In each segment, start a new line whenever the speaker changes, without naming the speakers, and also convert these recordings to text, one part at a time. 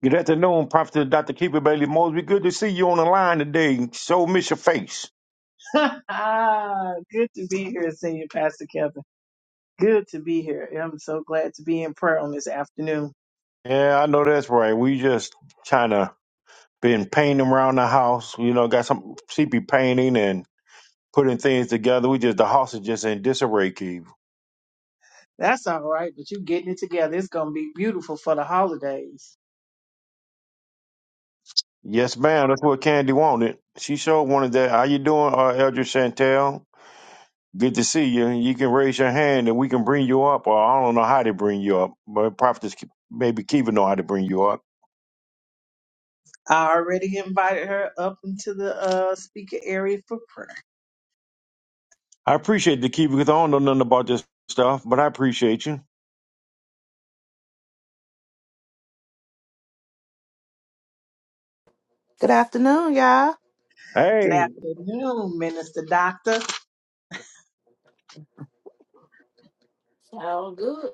Good afternoon, Prophet Dr. Keeper Bailey Mosby. Good to see you on the line today. So miss your face.
Good to be here, Senior Pastor Kevin. Good to be here. I'm so glad to be in prayer on this afternoon.
Yeah, I know that's right. We just kind of been painting around the house. You know, got some CP painting and putting things together. We just the house is just in disarray, Keith.
That's all right, but you getting it together. It's going to be beautiful for the holidays.
Yes, ma'am. That's what Candy wanted. She sure wanted that. How you doing, uh, Elder Chantel? Good to see you. You can raise your hand and we can bring you up. Or I don't know how to bring you up, but Prophet maybe Kiva know how to bring you up.
I already invited her up into the uh, speaker area for prayer.
I appreciate the keeper because I don't know nothing about this stuff, but I appreciate you.
Good afternoon, y'all.
Good
Hey,
afternoon, Minister Doctor.
All good.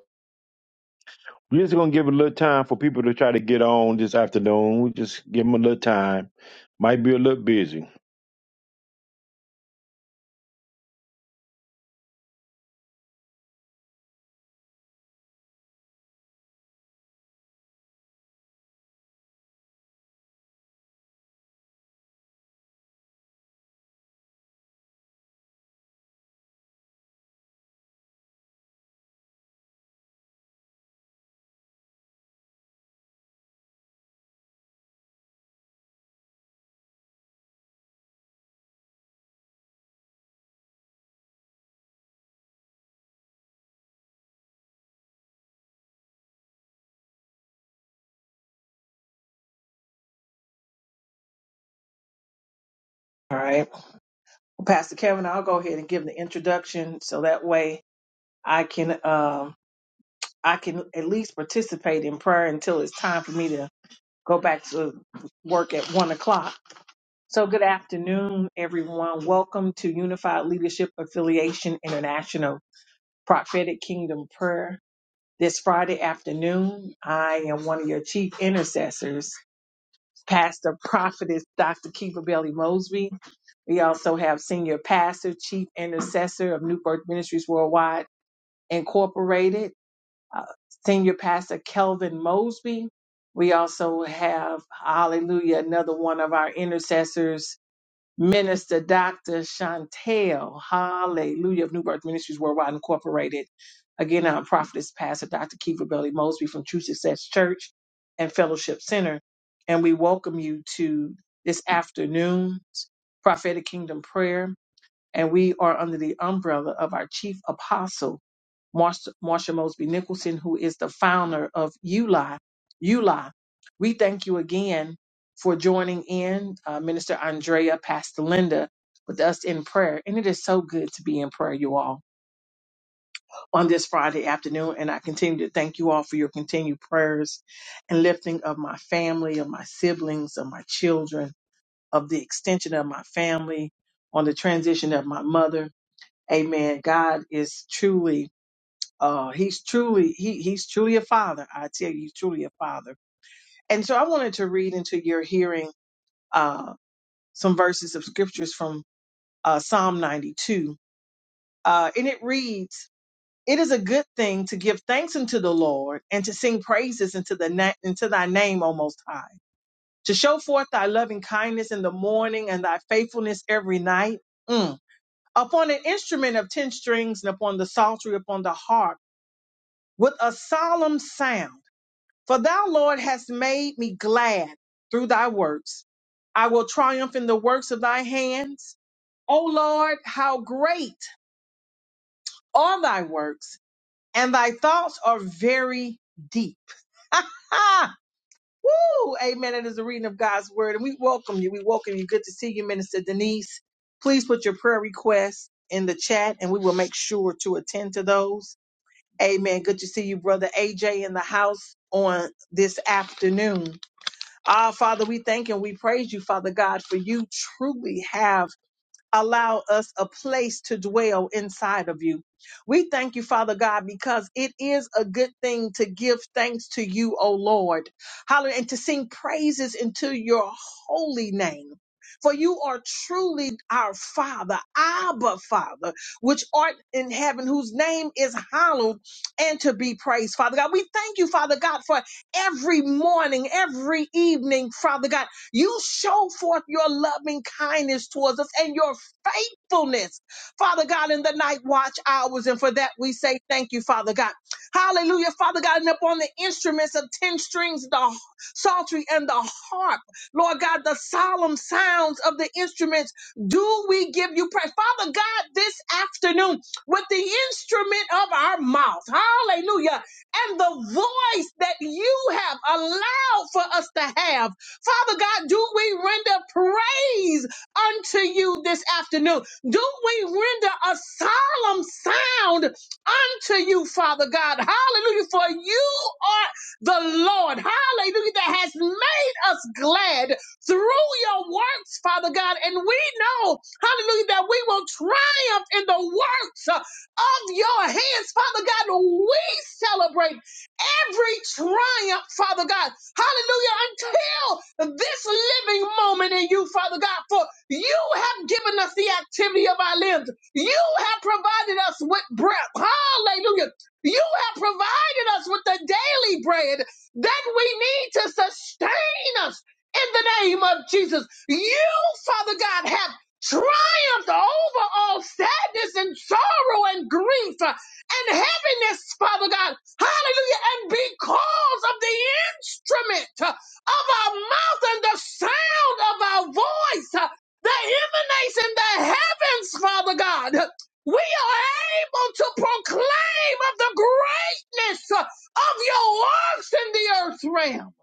we're just gonna give it a little time for people to try to get on this afternoon. We just give them a little time. Might be a little busy.
All right. Well, Pastor Kevin, I'll go ahead and give the introduction so that way I can um I can at least participate in prayer until it's time for me to go back to work at one o'clock. So, good afternoon, everyone. Welcome to Unified Leadership Affiliation International Prophetic Kingdom Prayer. This Friday afternoon, I am one of your chief intercessors, Pastor Prophetess Dr. Kiva Bailey Mosby. We also have Senior Pastor, Chief Intercessor of New Birth Ministries Worldwide Incorporated, uh, Senior Pastor Kelvin Mosby. We also have, hallelujah, another one of our intercessors, Minister Dr. Chantel, hallelujah, of New Birth Ministries Worldwide Incorporated. Again, our prophetess, Pastor Dr. Kiva Belly Mosby from True Success Church and Fellowship Center. And we welcome you to this afternoon prophetic kingdom prayer and we are under the umbrella of our chief apostle, Marsha, Marsha Mosby Nicholson, who is the founder of ULI. ULI, we thank you again for joining in, uh, Minister Andrea, Pastor Linda, with us in prayer. And it is so good to be in prayer, you all, on this Friday afternoon. And I continue to thank you all for your continued prayers and lifting of my family, of my siblings, of my children, of the extension of my family, on the transition of my mother Amen. God is truly, uh, he's truly, he, he's truly a father. I tell you, he's truly a father. And so I wanted to read into your hearing, uh, some verses of scriptures from, uh, Psalm 92. Uh, and it reads, it is a good thing to give thanks unto the Lord and to sing praises into the, na- into thy name, O most high, to show forth thy loving kindness in the morning and thy faithfulness every night. Mm. Upon an instrument of ten strings and upon the psaltery, upon the harp with a solemn sound. For thou, Lord, hast made me glad through thy works. I will triumph in the works of thy hands. O Lord, how great are thy works, and thy thoughts are very deep. Woo! Amen. It is a reading of God's word, and we welcome you. We welcome you. Good to see you, Minister Denise. Please put your prayer requests in the chat, and we will make sure to attend to those. Amen. Good to see you, brother AJ, in the house on this afternoon. Ah, Father, we thank and we praise you, Father God, for you truly have allow us a place to dwell inside of you. We thank you, Father God, because it is a good thing to give thanks to you, O Lord. Hallelujah. And to sing praises into your holy name. For you are truly our Father, Abba Father, which art in heaven, whose name is hallowed and to be praised, Father God. We thank you, Father God, for every morning, every evening, Father God, you show forth your loving kindness towards us and your faithfulness, Father God, in the night watch hours. And for that, we say thank you, Father God. Hallelujah, Father God. And upon the instruments of 10 strings, the psaltery and the harp, Lord God, the solemn sounds of the instruments, do we give you praise? Father God, this afternoon, with the instrument of our mouth, hallelujah, and the voice that you have allowed for us to have, Father God, do we render praise? unto you this afternoon? Do we render a solemn sound unto you, Father God? Hallelujah. For you are the Lord. Hallelujah. That has made us glad through your works, Father God. And we know, hallelujah, that we will triumph in the works uh, of your hands, Father God. We celebrate every triumph, Father God. Hallelujah. Until this living moment in you, Father God, for you have given us the activity of our limbs. You have provided us with breath. Hallelujah. You have provided us with the daily bread that we need to sustain us in the name of Jesus. You, Father God, have triumphed over all sadness and sorrow and grief and heaviness, Father God. Hallelujah. And because of the instrument uh, of our mouth and the sound of our voice uh, that emanates in the heavens, Father God. We are able to proclaim of the greatness uh, of your works in the earth realm.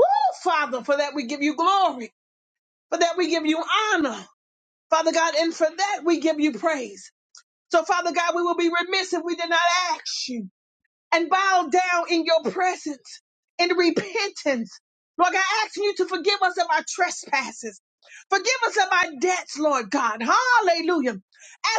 Oh, Father, for that we give you glory, for that we give you honor, Father God, and for that we give you praise. So, Father God, we will be remiss if we did not ask you and bow down in your presence in repentance. Lord, I ask you to forgive us of our trespasses. Forgive us of our debts, Lord God. Hallelujah.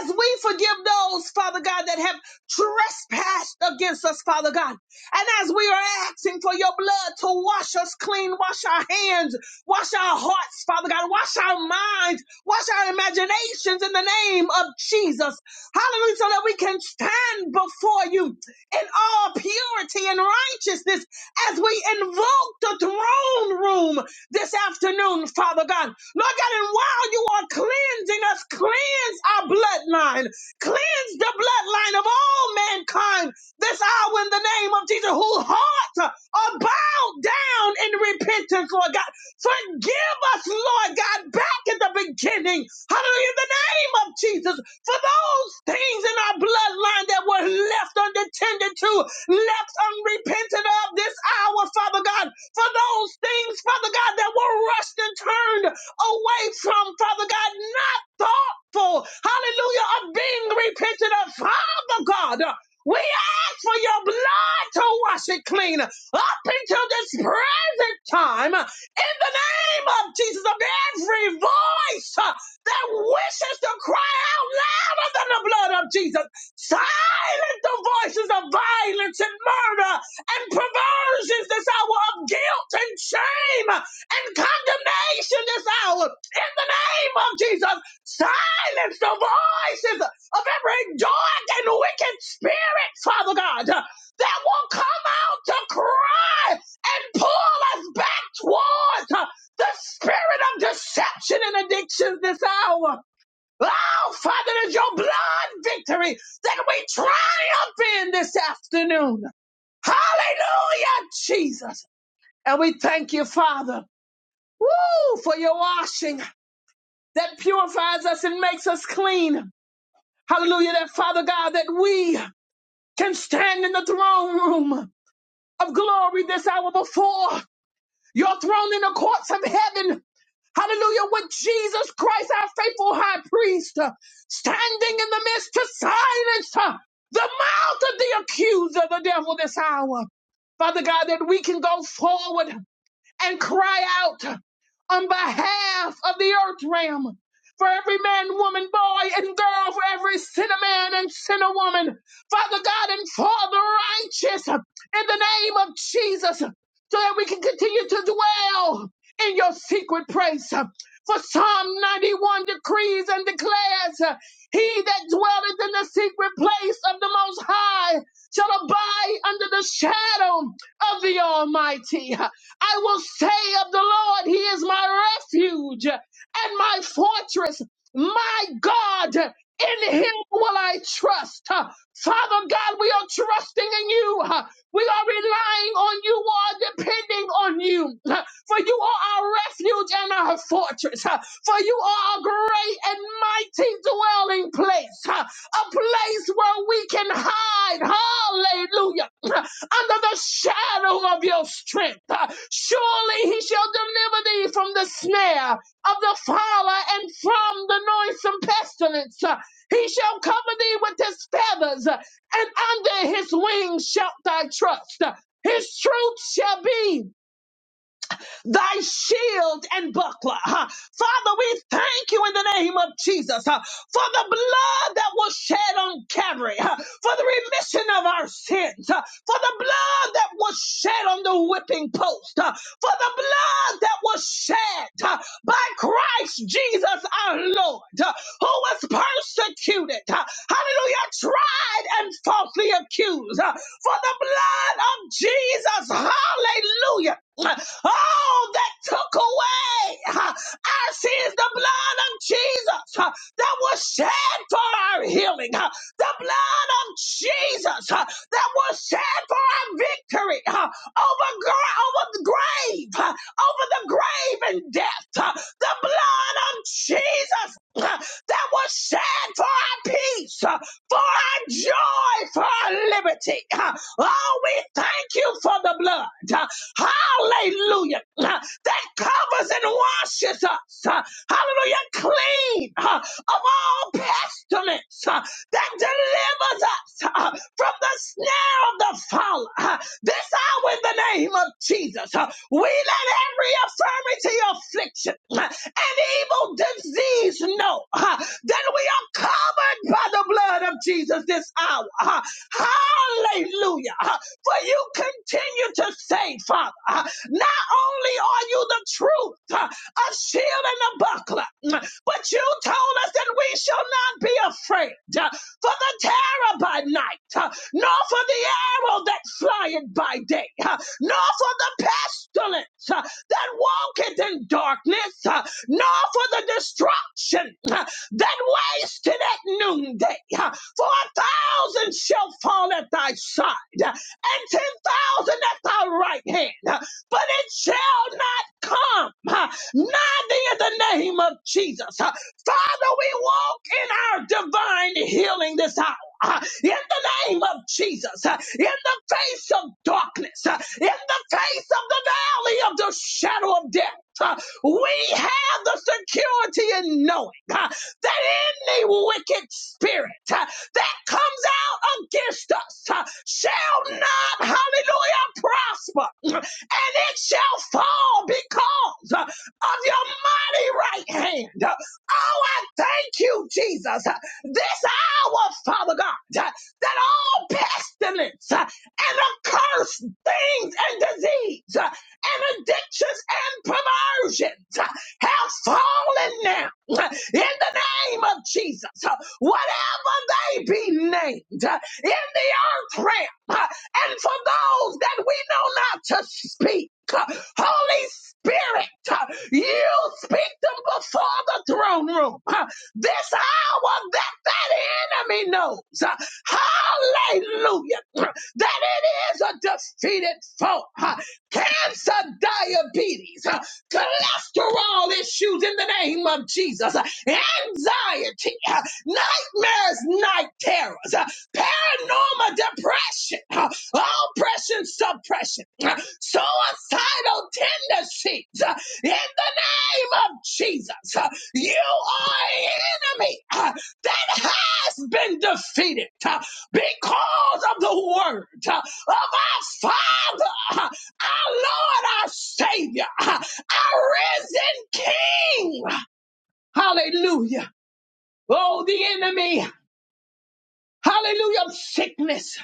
As we forgive those, Father God, that have trespassed against us, Father God. And as we are asking for your blood to wash us clean, wash our hands, wash our hearts, Father God, wash our minds, wash our imaginations in the name of Jesus. Hallelujah. So that we can stand before you in all purity and righteousness as we invoke the throne room this afternoon, Father God. Lord God, and while you are cleansing us, cleanse our bloodline, cleanse the bloodline of all mankind this hour in the name of Jesus, whose hearts are bowed down in repentance, Lord God. Forgive us, Lord God, back at the beginning. Hallelujah. In the name of Jesus for those things in our bloodline that were left unattended to, left unrepented of this hour, Father God, for those things, Father God, that were rushed and turned away from, Father God, not thoughtful, hallelujah, of being repented of, Father God. We ask for your blood to wash it clean up until this present time in the name of Jesus of every voice that wishes to cry out louder than the blood of Jesus. Silence the voices of violence and murder and perversions this hour of guilt and shame and condemnation this hour. In the name of Jesus, silence the voices of every dark and wicked spirit, Father God, that will come out to cry and pull us back towards the spirit of deception and addictions this hour. Oh, Father, it is your blood victory that we triumph in this afternoon. Hallelujah, Jesus. And we thank you, Father, woo, for your washing that purifies us and makes us clean. Hallelujah, that Father God, that we can stand in the throne room of glory this hour before your throne in the courts of heaven Hallelujah. With Jesus Christ, our faithful high priest, uh, standing in the midst to silence uh, the mouth of the accuser, the devil, this hour. Father God, that we can go forward and cry out on behalf of the earth realm. For every man, woman, boy, and girl, for every sinner man and sinner woman, Father God and for the righteous, in the name of Jesus, so that we can continue to dwell in your secret place. For Psalm 91 decrees and declares, uh, He that dwelleth in the secret place of the Most High shall abide under the shadow of the Almighty. I will say of the Lord, He is my refuge and my fortress, my God. In Him will I trust. Father God, we are trusting in you. We are relying on you. We are depending on you. For you are our refuge and our fortress. For you are a great and mighty dwelling place. A place where we can hide. Hallelujah under the shadow of your strength. Uh, Surely he shall deliver thee from the snare of the fowler and from the noisome pestilence. Uh, He shall cover thee with his feathers, uh, and under his wings shalt thou trust. Uh, His truth shall be thy shield and buckler. huh? Father, we thank you in the name of Jesus huh, for the blood that was shed on Calvary, huh, for the remission of our sins, huh, for the blood that was shed on the whipping post, huh, for the blood that was shed huh, by Christ Jesus our Lord, huh, who was persecuted, huh, hallelujah, tried and falsely accused. huh, for the blood of Jesus. Hallelujah. Oh, that took away our sins, the blood of Jesus uh, that was shed for our healing, uh, the blood of Jesus uh, that was shed for our victory uh, over, gra- over the grave, uh, over the grave and death, uh, the blood of Jesus uh, that was shed for our peace, huh, for our joy, for our liberty. Oh, we thank you for the blood. Hallelujah. That covers and washes us. Hallelujah. Clean of all pestilence. That delivers us from the snare of the fowler. This hour in the name of Jesus, uh, we let every infirmity, affliction, uh, and evil disease know uh, that we are covered by the blood of Jesus this hour. uh, Hallelujah. uh, For you continue to say, Father, uh, not only are you the truth, uh, a shield and a buckler, uh, but you told us that we shall not be afraid uh, for the terror by night. uh, nor for the arrow that flieth by day, uh, nor for the pestilence uh, that walketh in darkness, uh, nor for the destruction uh, that wasted at noonday. uh, For a thousand shall fall at thy side, uh, and ten thousand at thy right hand, uh, but it shall not come uh, nigh thee in the name of Jesus. Uh, Father, we walk in our divine healing this hour. Ah, In the name of Jesus, ah, in the face of darkness, ah, in the face of the valley of the shadow of death, ah, we have the security in knowing ah, that any wicked spirit ah, that comes out against us ah, shall not, hallelujah, prosper, and it shall fall because ah, of your mighty right hand. Uh, Oh, I thank you, Jesus. Uh, this hour, Father God, that all pestilence uh, and accursed things and disease uh, and addictions and perversions uh, have fallen now uh, in the name of Jesus. Uh, Whatever they be named uh, in the earth realm, uh, and for those that we know not to speak, uh, Holy Spirit, uh, you speak them before the throne room this hour that that enemy knows, uh, hallelujah, that it is a defeated foe. Uh, Cancer, diabetes, uh, cholesterol issues in the name of Jesus, uh, anxiety, uh, nightmares, night terrors, uh, paranormal depression, uh, oppression, suppression, uh, suicidal tendencies uh, in the name of Jesus. uh, you are an enemy uh, that has been defeated uh, because of the word uh, of our Father, uh, our Lord, our Savior, uh, our risen King. Hallelujah. Oh, the enemy. Hallelujah. Of sickness,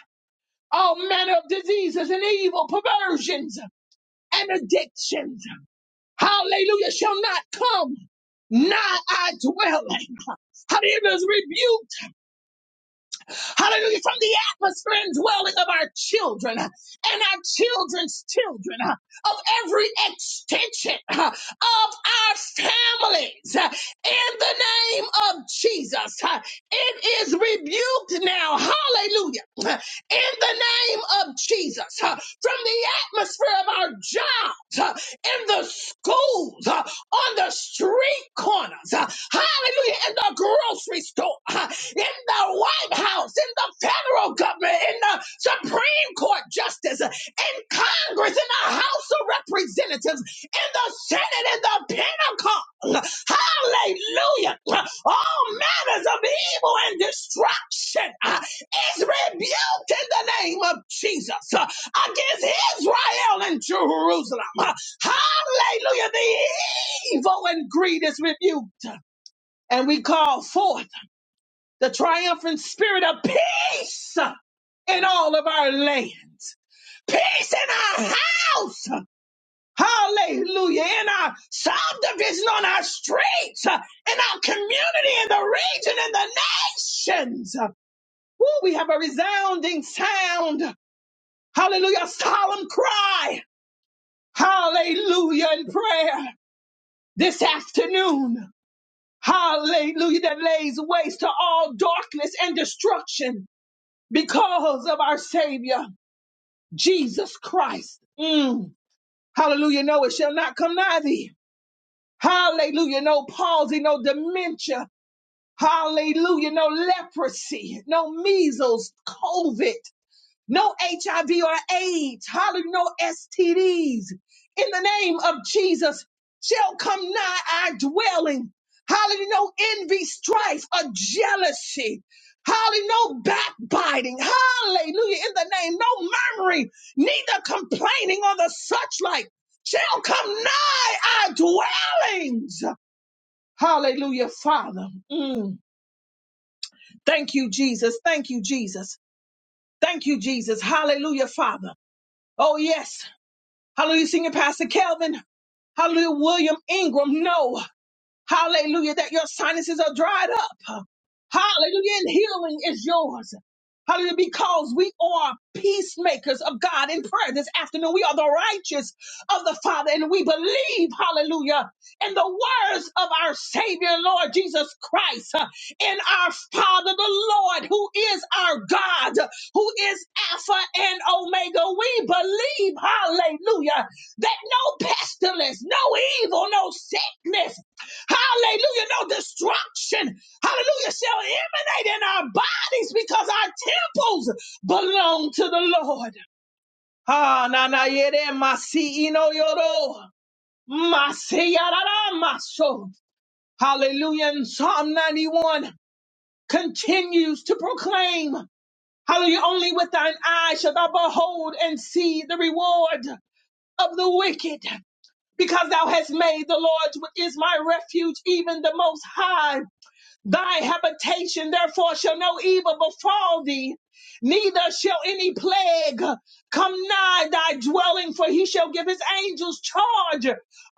all manner of diseases and evil, perversions and addictions. Hallelujah. Shall not come nigh our dwelling. Hallelujah. Rebuke. Hallelujah. From the atmosphere and dwelling of our children uh, and our children's children, uh, of every extension uh, of our families. uh, In the name of Jesus, Uh, it is rebuked now. Hallelujah. Uh, In the name of Jesus, uh, from the atmosphere of our jobs, uh, in the schools, uh, on the street corners. Hallelujah. In the grocery store, in the White House, in the federal government, in the Supreme Court justice, in Congress, in the House of Representatives, in the Senate, in the Pentagon. Hallelujah. All matters of evil and destruction uh, is rebuked in the name of Jesus uh, against Israel and Jerusalem. Uh, Hallelujah. The evil and greed is rebuked and we call forth the triumphant spirit of peace in all of our lands, peace in our house. Hallelujah. In our subdivision, on our streets, in our community, in the region, in the nations. Woo, we have a resounding sound. Hallelujah. A solemn cry. Hallelujah in prayer this afternoon. Hallelujah that lays waste to all darkness and destruction. because of our Savior, Jesus Christ. Mm. Hallelujah. No, it shall not come nigh thee. Hallelujah. No palsy, no dementia. Hallelujah. No leprosy, no measles, COVID no HIV or AIDS, hallelujah, no STDs. In the name of Jesus, shall come nigh our dwelling. Hallelujah, no envy, strife, or jealousy. Hallelujah, no backbiting. Hallelujah, in the name, no murmuring, neither complaining or the such like shall come nigh our dwellings. Hallelujah, Father. Mm. Thank you, Jesus. Thank you, Jesus. Thank you, Jesus. Hallelujah, Father. Oh, yes. Hallelujah, Senior Pastor Kelvin. Hallelujah, William Ingram. No. Hallelujah, that your sinuses are dried up. Hallelujah, and healing is yours. Hallelujah, because we are peacemakers of God in prayer this afternoon. We are the righteous of the Father, and we believe, hallelujah, in the words of our Savior, Lord Jesus Christ, uh, in our Father, the Lord, who is our God, uh, who is Alpha and Omega. We believe, hallelujah, that no pestilence, no evil, no sickness, Hallelujah. No destruction. Hallelujah. Shall emanate in our bodies because our temples belong to the Lord. Ah, na na yere masi ino yoro. Masi yarara maso. Hallelujah. And Psalm 91 continues to proclaim. Hallelujah. Only with thine eyes shalt thou behold and see the reward of the wicked. Because thou hast made the Lord, which is my refuge, even the most high. Thy habitation, therefore, shall no evil befall thee, neither shall any plague come nigh thy dwelling, for he shall give his angels charge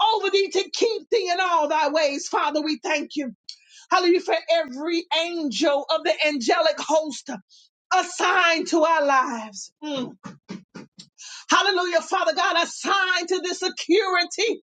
over thee to keep thee in all thy ways. Father, we thank you. Hallelujah for every angel of the angelic host assigned to our lives. Mm Hallelujah, Father God, assigned to the security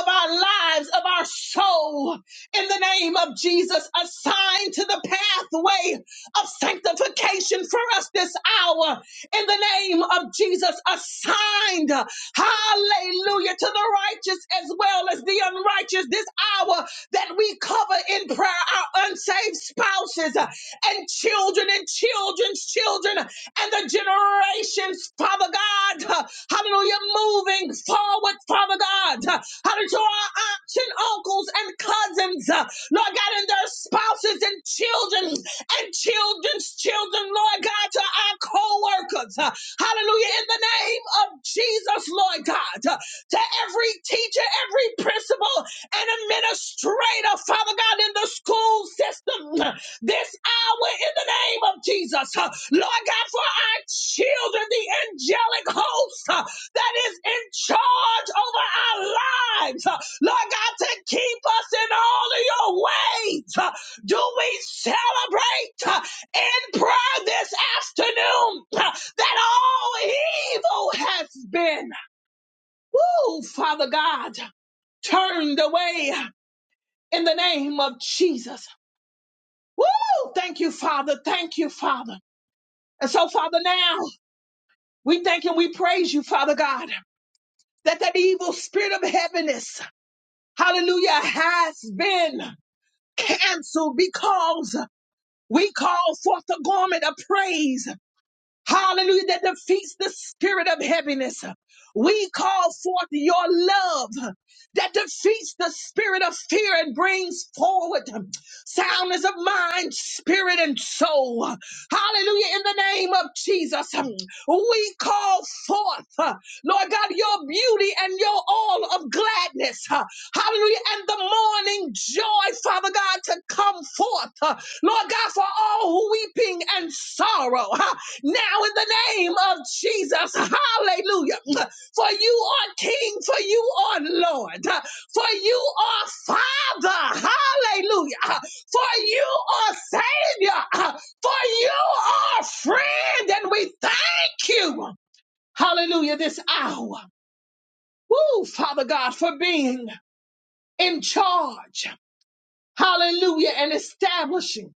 of our lives, of our soul, in the name of Jesus, assigned to the pathway of sanctification for us this hour, in the name of Jesus, assigned, hallelujah, to the righteous as well as the unrighteous this hour that we cover in prayer our unsaved spouses and children and children's children and the generations, Father God. uh, Hallelujah. Moving forward, Father God. uh, Hallelujah. To our aunts and uncles and cousins, uh, Lord God, and their spouses and children and children's children, Lord God, to our co workers. Hallelujah. In the name of Jesus, Lord God, uh, to every teacher, every principal, and administrator, Father God, in the school system this hour in the name of Jesus. Uh, Lord God, for our children, the angelic host uh, that is in charge over our lives. Uh, Lord God, to keep us in all of your ways. Uh, Do we celebrate uh, in prayer this afternoon uh, that all evil has been, woo, Father God, turned away in the name of Jesus? Woo! Thank you, Father. Thank you, Father. And so, Father, now we thank and we praise you, Father God, that that evil spirit of heaviness, hallelujah, has been canceled because we call forth the garment of praise hallelujah, that defeats the spirit of heaviness. We call forth your love that defeats the spirit of fear and brings forward soundness of mind, spirit, and soul. Hallelujah, in the name of Jesus, we call forth, uh, Lord God, your beauty and your all of gladness. uh, Hallelujah, and the morning joy, Father God, to come forth. uh, Lord God, for all weeping and sorrow now in the name of Jesus. Hallelujah. For you are King, for you are Lord, for you are Father. Hallelujah. For you are Savior, for you are friend, and we thank you. Hallelujah. This hour. Woo, Father God, for being in charge. Hallelujah. And establishing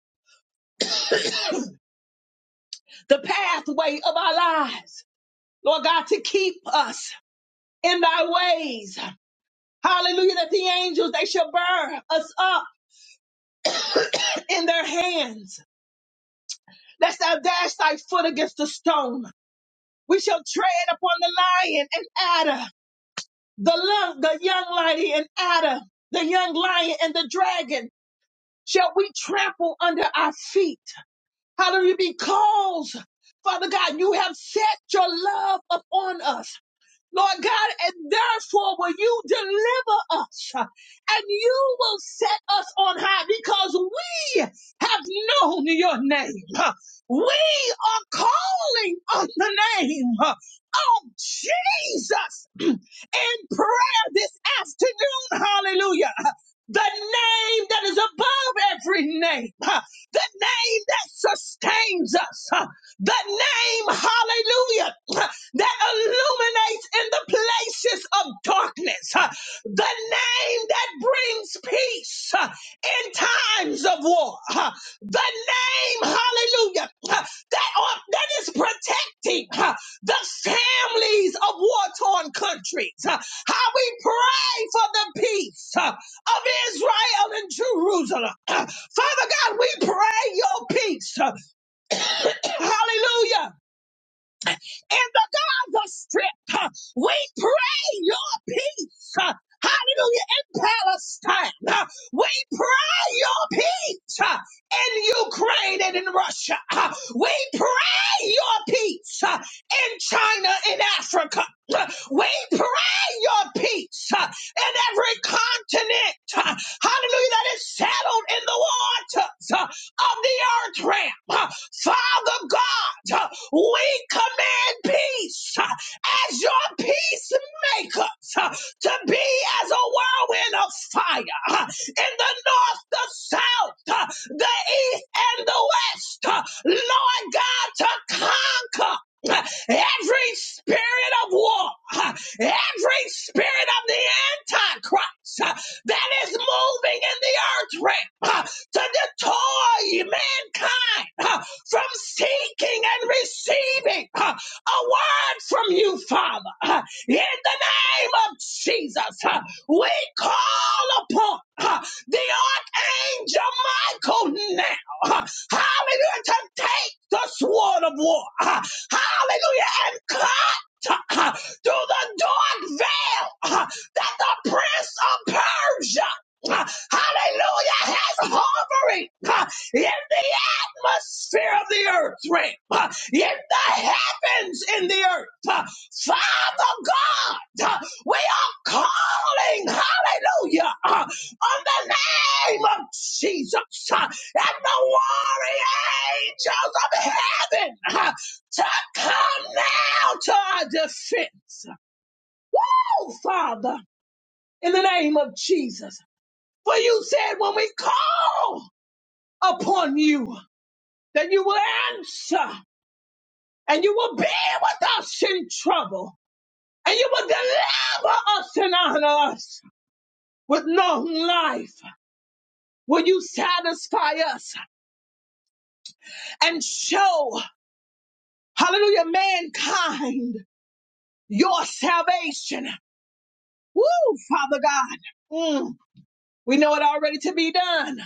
the pathway of our lives. Lord God, to keep us in thy ways. Hallelujah, that the angels, they shall bear us up in their hands, lest thou dash thy foot against the stone. We shall tread upon the lion and adder, the, lo- the young lion and adder, the young lion and the dragon. Shall we trample under our feet? Hallelujah, because, Father God, you have set your love upon us. Lord God, and therefore will you deliver us uh, and you will set us on high because we have known your name. Uh, We are calling on the name uh, of Jesus in prayer this afternoon. Hallelujah. The name that is above every name, uh, the name that sustains us, uh, the name, hallelujah, that illuminates in the places of darkness, uh, the name that brings peace uh, in times of war, uh, the name, hallelujah, uh, that, are- that is protecting uh, the families of war torn countries. uh, How we pray for the peace uh, of Israel and Jerusalem. Uh, Father God, we pray your peace. uh, Hallelujah in the Gaza Strip. We pray your peace. Hallelujah. In Palestine. We pray your peace in Ukraine and in Russia. We pray your peace in China and Africa. We pray your peace in every continent. Hallelujah. That is settled in the waters of the earth realm. Father God. God, we command peace uh, as your peacemakers uh, to be as a whirlwind of fire uh, in the north, the south, uh, the east, and the west. uh, Lord God, to conquer. uh, Every spirit of war, uh, every spirit of the Antichrist uh, that is moving in the earth realm uh, to destroy mankind. uh, from seeking and receiving uh, a word from you, Father. Uh, In the name of Jesus, uh, we call upon uh, the Archangel Michael now. uh, Hallelujah. To take the sword of war. uh, Hallelujah. And cut uh, through the dark veil uh, that the Prince of Persia. uh, Hallelujah has hovering uh, in the atmosphere of the earth realm, uh, in the heavens in the earth. uh, Father God, uh, we are calling, hallelujah, uh, on the name of Jesus uh, and the warring angels of heaven uh, to come now to our defense. Oh, Father, in the name of Jesus, for you said when we call upon you, that you will answer. and you will be with us in trouble, and you will deliver us and honor us with long life. Will you satisfy us and show, hallelujah, mankind your salvation? Woo, Father God. Mm, we know it already to be done.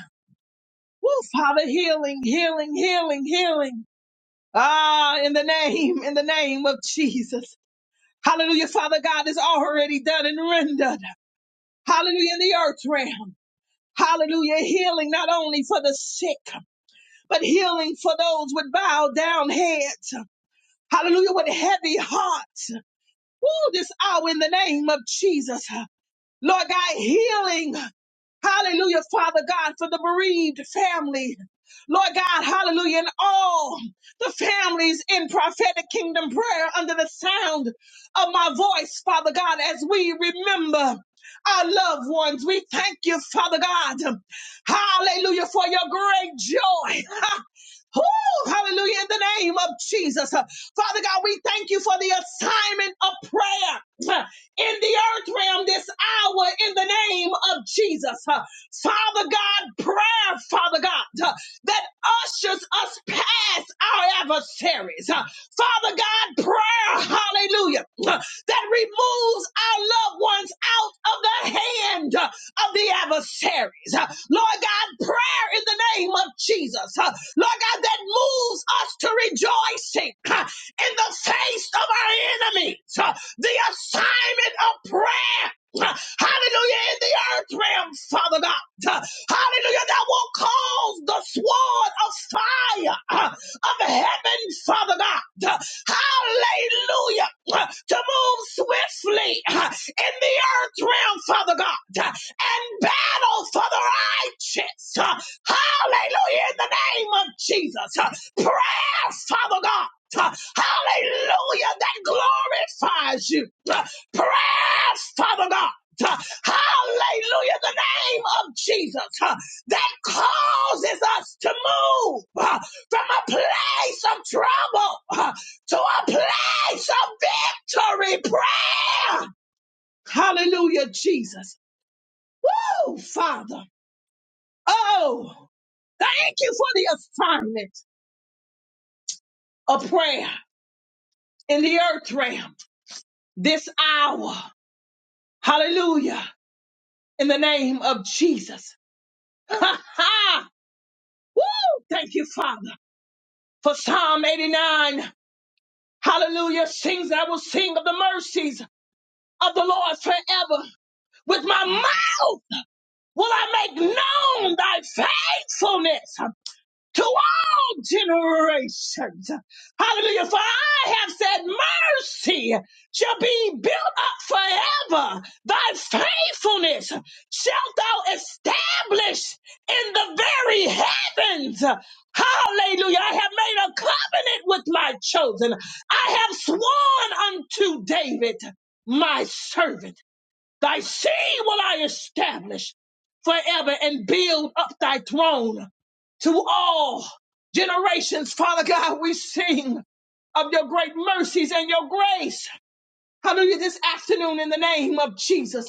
Woo, Father, healing, healing, healing, healing. Ah, in the name, in the name of Jesus. Hallelujah, Father God is already done and rendered. Hallelujah, in the earth realm. Hallelujah. Healing not only for the sick, but healing for those with bowed down heads. Hallelujah. With heavy hearts. Woo, this hour in the name of Jesus. Lord God, healing. Hallelujah, Father God, for the bereaved family. Lord God, hallelujah, and all the families in prophetic kingdom prayer under the sound of my voice, Father God, as we remember our loved ones. We thank you, Father God. Hallelujah, for your great joy. Whew, hallelujah. In the name of Jesus. Uh, Father God, we thank you for the assignment of prayer uh, in the earth realm this hour in the name of Jesus. Uh, Father God, prayer, Father God, uh, that ushers us past our adversaries. Uh, Father God, prayer, hallelujah, uh, that removes our loved ones out of the hand uh, of the adversaries. Uh, Lord God, prayer in the name of Jesus. Uh, Lord God, that moves us to rejoicing uh, in the face of our enemies. Uh, The assignment of prayer. Uh, Hallelujah, in the earth realm, Father God. Uh, Hallelujah, that will cause the sword of fire uh, of heaven, Father God. Uh, Hallelujah, uh, to move swiftly uh, in the earth realm, Father God, Uh, and battle for the righteous. Uh, Hallelujah. In the name of Jesus. Uh, Prayer, Father God. Uh, Hallelujah. That glorifies you. Uh, Prayer, Father God. Uh, Hallelujah. In the name of Jesus. Uh, That causes us to move uh, from a place of trouble uh, to a place of victory. Prayer. Hallelujah, Jesus. Oh, Father. Oh, Thank you for the assignment of prayer in the earth realm this hour. Hallelujah. In the name of Jesus. Ha ha. Woo! Thank you, Father, for Psalm 89. Hallelujah. Sings I will sing of the mercies of the Lord forever. With my mouth will I make known thy faithfulness. to all generations. Hallelujah. For I have said, mercy shall be built up forever. Thy faithfulness shalt thou establish in the very heavens. Hallelujah. I have made a covenant with my chosen. I have sworn unto David, my servant, thy seed will I establish forever and build up thy throne to all generations. Father God, we sing of your great mercies and your grace. Hallelujah. This afternoon, in the name of Jesus,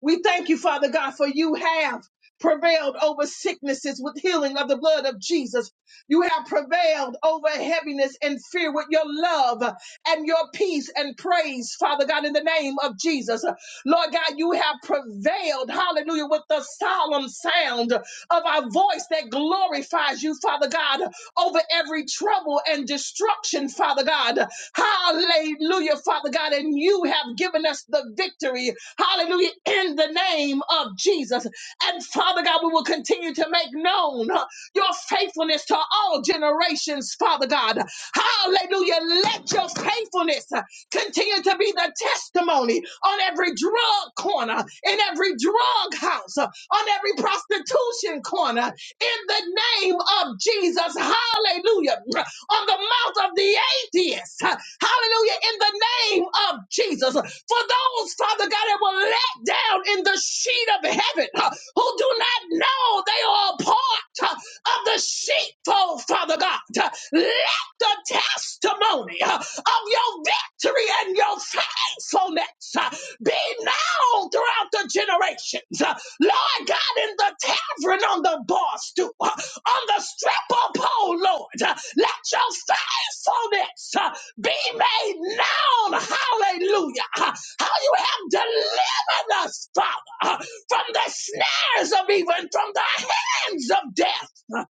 we thank you, Father God, for you have prevailed over sicknesses with healing of the blood of Jesus. You have prevailed over heaviness and fear with your love and your peace and praise, Father God, in the name of Jesus. Lord God, you have prevailed, hallelujah, with the solemn sound of our voice that glorifies you, Father God over every trouble and destruction, Father God. Hallelujah, Father God. And you have given us the victory. Hallelujah, in the name of Jesus. And Father God, we will continue to make known uh, your faithfulness to all generations, Father God. Hallelujah. Let your faithfulness uh, continue to be the testimony on every drug corner, in every drug house, uh, on every prostitution corner, in the name of Jesus. Hallelujah. On the mouth of the atheist. Hallelujah. In the name of Jesus. For those, Father God, that were let down in the sheet of heaven uh, who do not know they are a part uh, of the sheepfold, Father God. Uh, Let the testimony uh, of your victory and your faithfulness uh, be known throughout the generations. Uh, Lord God, in the tavern, on the bar stool, uh, on the stripper pole, Lord, uh, let your faithfulness uh, be made known. Hallelujah. Uh, How you have delivered us, Father, uh, from the snares of evil and from the hands of death. Uh,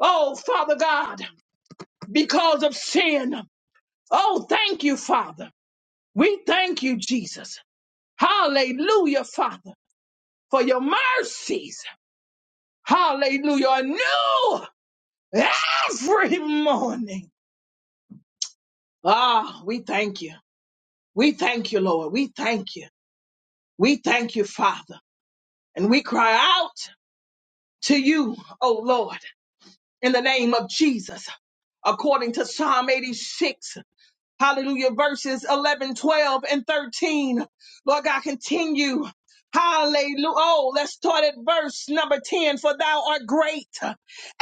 Oh, Father God, because of sin. Oh, thank you, Father. We thank you, Jesus. Hallelujah, Father, for your mercies. Hallelujah. Are new every morning. Ah, we thank you. We thank you, Lord. We thank you. We thank you, Father. And we cry out to you, oh Lord, in the name of Jesus, according to Psalm 86. Hallelujah. Verses 11, 12, and 13. Lord God, continue. Hallelujah. Oh, let's start at verse number 10. For thou art great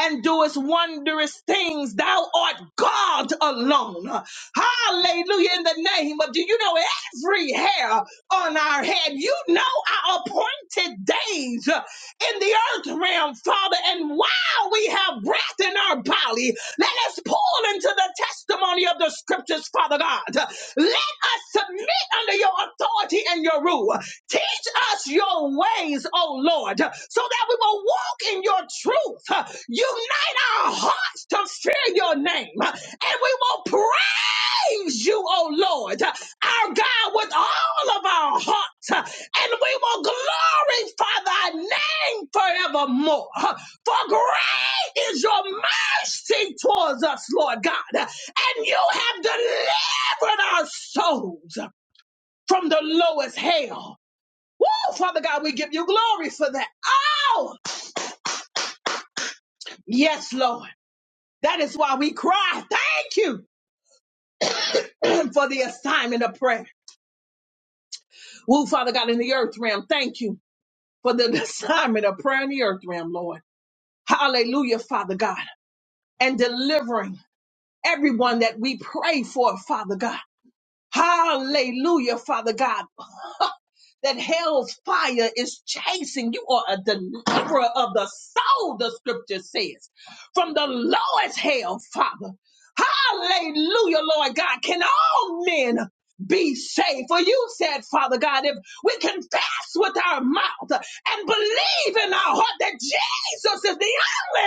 and doest wondrous things. Thou art God alone. Hallelujah. In the name of, do you know every hair on our head? You know our appointed days in the earth realm, Father. And while we have breath in our body, let us pull into the testimony of the scriptures, Father God. Let us submit under your authority and your rule. Teach us your ways, O Lord, so that we will walk in your truth. Unite our hearts to fear your name, and we will pray praise you, O Lord, our God, with all of our hearts, and we will glorify thy name forevermore. For great is your mercy towards us, Lord God, and you have delivered our souls from the lowest hell. Woo, Father God, we give you glory for that. Oh, yes, Lord. That is why we cry. Thank you for the assignment of prayer. Woo, Father God, in the earth realm, thank you for the assignment of prayer in the earth realm, Lord. Hallelujah, Father God. And delivering everyone that we pray for, Father God. Hallelujah, Father God that hell's fire is chasing. You are a deliverer of the soul, the scripture says, from the lowest hell, Father. Hallelujah, Lord God. Can all men be saved? For you said, Father God, if we confess with our mouth and believe in our heart that Jesus is the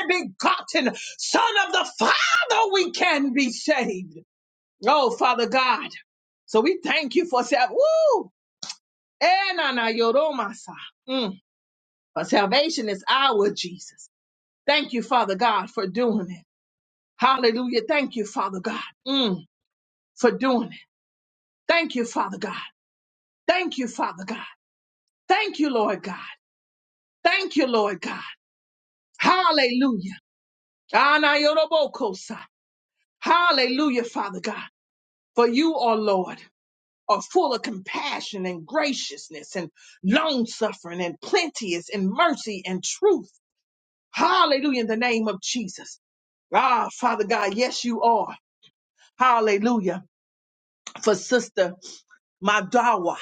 only begotten Son of the Father, we can be saved. Oh, Father God. So we thank you for that. Enanayoromasa. Mm. But salvation is our Jesus. Thank you, Father God, for doing it. Hallelujah. Thank you, Father God, mm, for doing it. Thank you, Father God. Thank you, Father God. Thank you, Lord God. Thank you, Lord God. Hallelujah. Anayorobokosa. Hallelujah, Father God. For you, O Lord, are full of compassion and graciousness and long suffering and plenteous in mercy and truth. Hallelujah in the name of Jesus. Ah, Father God, yes, you are. Hallelujah. For Sister Madawa.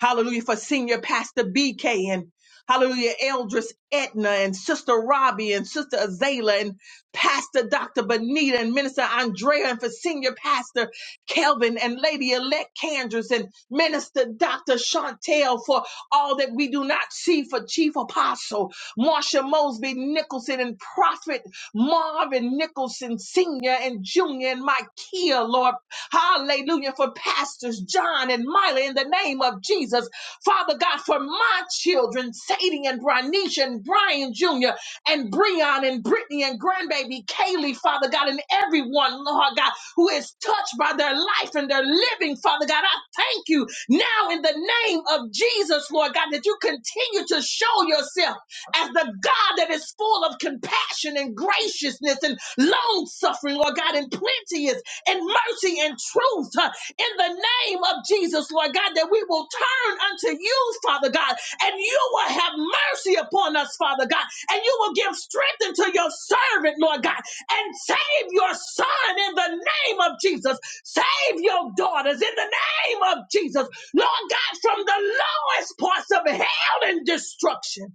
Hallelujah. For Senior Pastor BK and Hallelujah, Eldris Edna and Sister Robbie and Sister Azela and Pastor Dr. Benita and Minister Andrea and for Senior Pastor Kelvin and Lady Elect Candress and Minister Dr. Chantel for all that we do not see for Chief Apostle Marsha Mosby Nicholson and Prophet. Marvin Nicholson Sr. and Jr. and Micaiah, Lord. Hallelujah. For Pastors John and Miley in the name of Jesus. Father God, for my children, Sadie and Bronisha and Brian Jr. and Breon and Brittany and grandbaby Kaylee, Father God, and everyone, Lord God, who is touched by their life and their living, Father God. I thank you now in the name of Jesus, Lord God, that you continue to show yourself as the God that is full of compassion and graciousness and long suffering, Lord God, and plenteous and mercy and truth uh, in the name of Jesus, Lord God, that we will turn unto you, Father God, and you will have mercy upon us, Father God, and you will give strength unto your servant, Lord God, and save your son in the name of Jesus. Save your daughters in the name of Jesus, Lord God, from the lowest parts of hell and destruction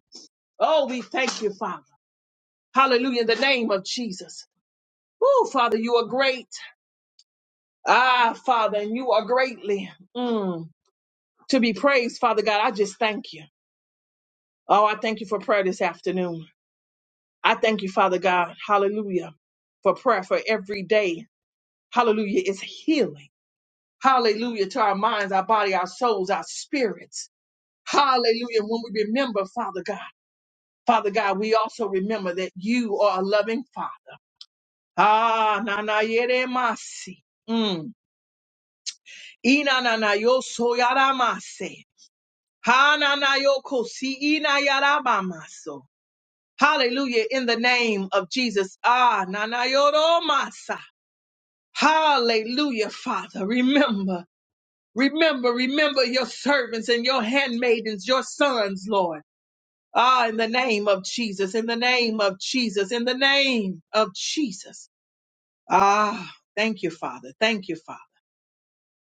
Oh, we thank you, Father. Hallelujah. In the name of Jesus. Oh, Father, you are great. Ah, Father, and you are greatly mm, to be praised, Father God. I just thank you. Oh, I thank you for prayer this afternoon. I thank you, Father God. Hallelujah. For prayer for every day. Hallelujah. It's healing. Hallelujah. To our minds, our body, our souls, our spirits. Hallelujah. When we remember, Father God, Father God, we also remember that you are a loving Father. Ah, nanayere masi. Mm. Inanayo soyaramase. Hananayo kosi inayarabamaso. Hallelujah. In the name of Jesus. Ah, nanayoro masa. Hallelujah, Father. Remember, remember, remember your servants and your handmaidens, your sons, Lord. Ah, in the name of Jesus, in the name of Jesus, in the name of Jesus. Ah, thank you, Father. Thank you, Father.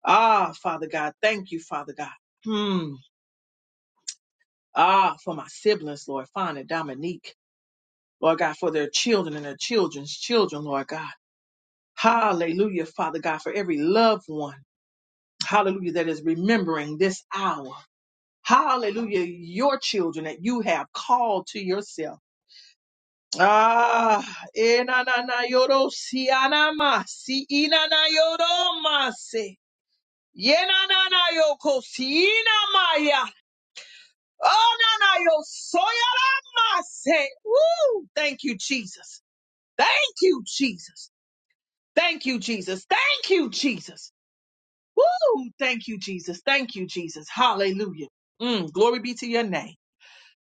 Ah, Father God, thank you, Father God. Hmm. Ah, for my siblings, Lord, Fana, Dominique, Lord God, for their children and their children's children, Lord God. Hallelujah, Father God, for every loved one. Hallelujah, that is remembering this hour. Hallelujah, your children that you have called to yourself. Ah, eh, na, na, na, yoro, si, anama, si, ina, na yoro, masi. Yenananayokosina Oh, no, no, yo soy a la mase. Woo! Thank you, Jesus. Thank you, Jesus. Thank you, Jesus. Thank you, Jesus. Woo! Thank you, Jesus. Thank you, Jesus. Hallelujah. Mm, glory be to your name.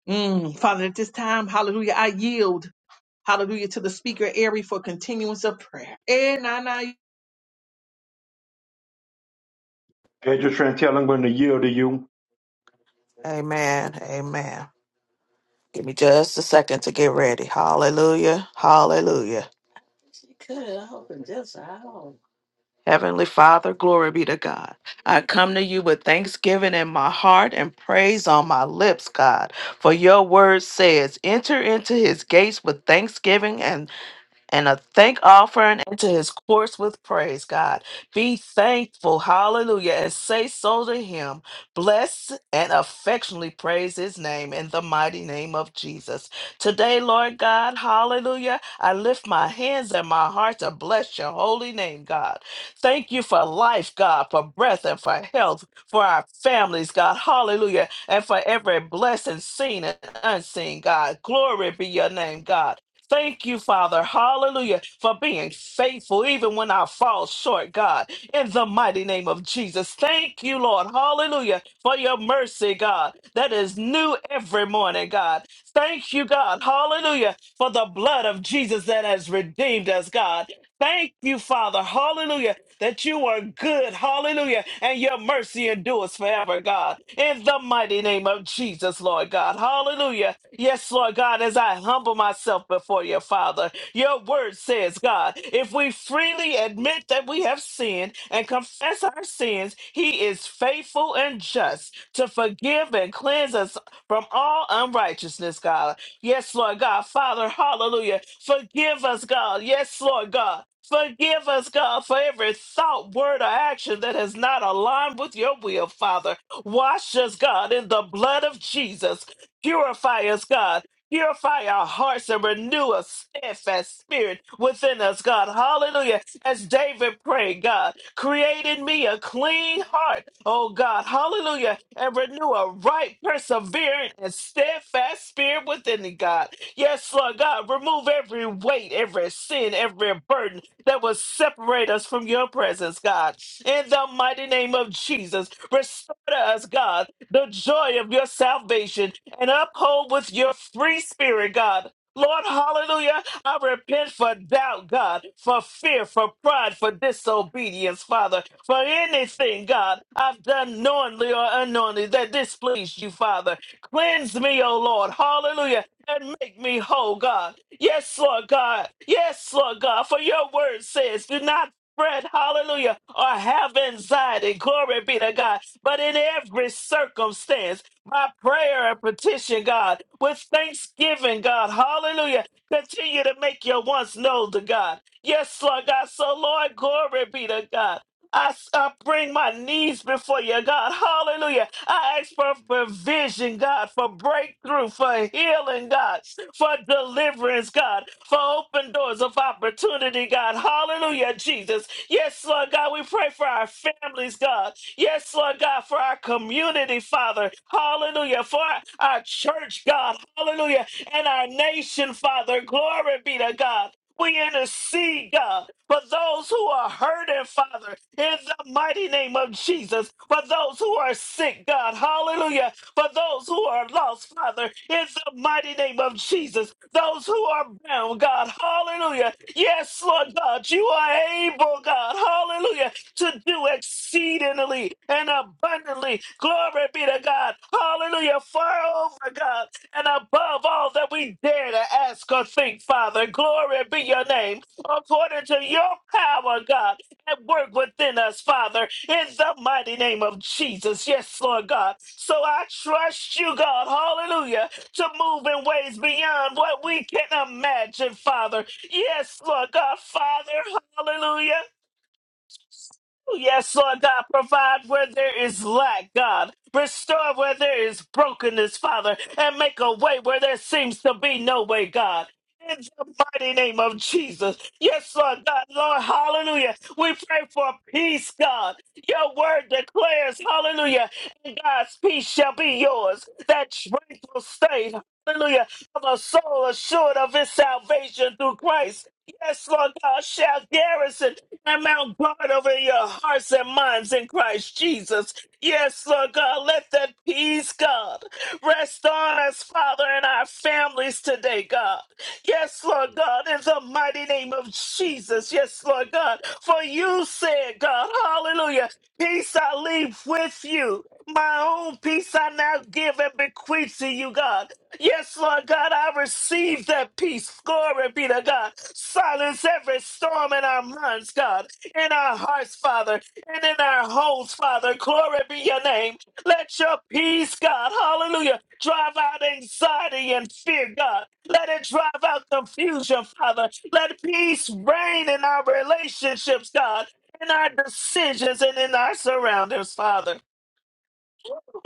Mm, Father, at this time, hallelujah, I yield, hallelujah, to the speaker, Ari, for continuance of prayer. Eh, na, na,
Pedro Chantel, I'm going to yield to you.
Amen. Amen. Give me just a second to get ready. Hallelujah. Hallelujah. She cut it off in just an hour. Heavenly Father, glory be to God. I come to you with thanksgiving in my heart and praise on my lips, God. For your word says, enter into his gates with thanksgiving and." and a thank offering into his courts with praise, God. Be thankful, hallelujah, and say so to him. Bless and affectionately praise his name in the mighty name of Jesus. Today, Lord God, hallelujah, I lift my hands and my heart to bless your holy name, God. Thank you for life, God, for breath and for health, for our families, God, hallelujah, and for every blessing seen and unseen, God. Glory be your name, God. Thank you, Father, hallelujah, for being faithful even when I fall short, God, in the mighty name of Jesus. Thank you, Lord, hallelujah, for your mercy, God, that is new every morning, God. Thank you, God, hallelujah, for the blood of Jesus that has redeemed us, God. Thank you, Father, hallelujah, that you are good. Hallelujah. And your mercy endures forever, God. In the mighty name of Jesus, Lord God. Hallelujah. Yes, Lord God, as I humble myself before your Father, your word says, God, if we freely admit that we have sinned and confess our sins, he is faithful and just to forgive and cleanse us from all unrighteousness, God. Yes, Lord God. Father, hallelujah. Forgive us, God. Yes, Lord God. Forgive us, God, for every thought, word, or action that has not aligned with your will, Father. Wash us, God, in the blood of Jesus. Purify us, God. Purify our hearts and renew a steadfast spirit within us, God. Hallelujah as David prayed, God, create in me a clean heart, oh God, hallelujah, and renew a right, persevering, and steadfast spirit within me, God. Yes, Lord God, remove every weight, every sin, every burden that will separate us from your presence, God. In the mighty name of Jesus, restore to us, God, the joy of your salvation and uphold with your free spirit, God. Lord, hallelujah. I repent for doubt, God, for fear, for pride, for disobedience, Father, for anything, God, I've done knowingly or unknowingly that displeased you, Father. Cleanse me, O Lord. Hallelujah. And make me whole, God. Yes, Lord God. Yes, Lord God. For your word says, do not fret, hallelujah, or have anxiety. Glory be to God. But in every circumstance, my prayer and petition, God, with thanksgiving, God, hallelujah Continue to make your wants known to God. Yes, Lord God. So, Lord, glory be to God. I, s- I bring my knees before you, God. Hallelujah. I ask for provision, God, for breakthrough, for healing, God, for deliverance, God, for open doors of opportunity, God. Hallelujah, Jesus. Yes, Lord God, we pray for our families, God. Yes, Lord God, for our community, Father. Hallelujah. For our our church, God. Hallelujah and our nation, Father. Glory be to God. We intercede, God, for those who are hurting, Father, in the mighty name of Jesus. For those who are sick, God, hallelujah. For those who are lost, Father, in the mighty name of Jesus. Those who are bound, God, hallelujah. Yes, Lord God, you are able, God, hallelujah, to do exceedingly and abundantly. Glory be to God, hallelujah. Far over, God and above all that we dare to ask or think, Father. Glory be your name, according to your power, God, at work within us, Father, in the mighty name of Jesus. Yes, Lord God. So I trust you, God, hallelujah, to move in ways beyond what we can imagine, Father. Yes, Lord God, Father, hallelujah. Yes, Lord God, provide where there is lack, God. Restore where there is brokenness, Father, and make a way where there seems to be no way, God. In the mighty name of Jesus. Yes, Lord God, Lord, hallelujah. We pray for peace, God. Your word declares, hallelujah, and God's peace shall be yours. That tranquil state, hallelujah, of a soul assured of his salvation through Christ. Yes, Lord God, shall garrison I'm out guard over your hearts and minds in Christ Jesus. Yes, Lord God, let that peace, God, rest on us, Father, and our families today, God. Yes, Lord God, in the mighty name of Jesus. Yes, Lord God, for you said, God, hallelujah, peace I leave with you. My own peace I now give and bequeath to you, God. Yes, Lord God, I receive that peace. Glory be to God. Silence every storm in our minds, God, in our hearts, Father, and in our homes, Father. Glory be your name. Let your peace, God, hallelujah, drive out anxiety and fear, God. Let it drive out confusion, Father. Let peace reign in our relationships, God, in our decisions and in our surroundings, Father.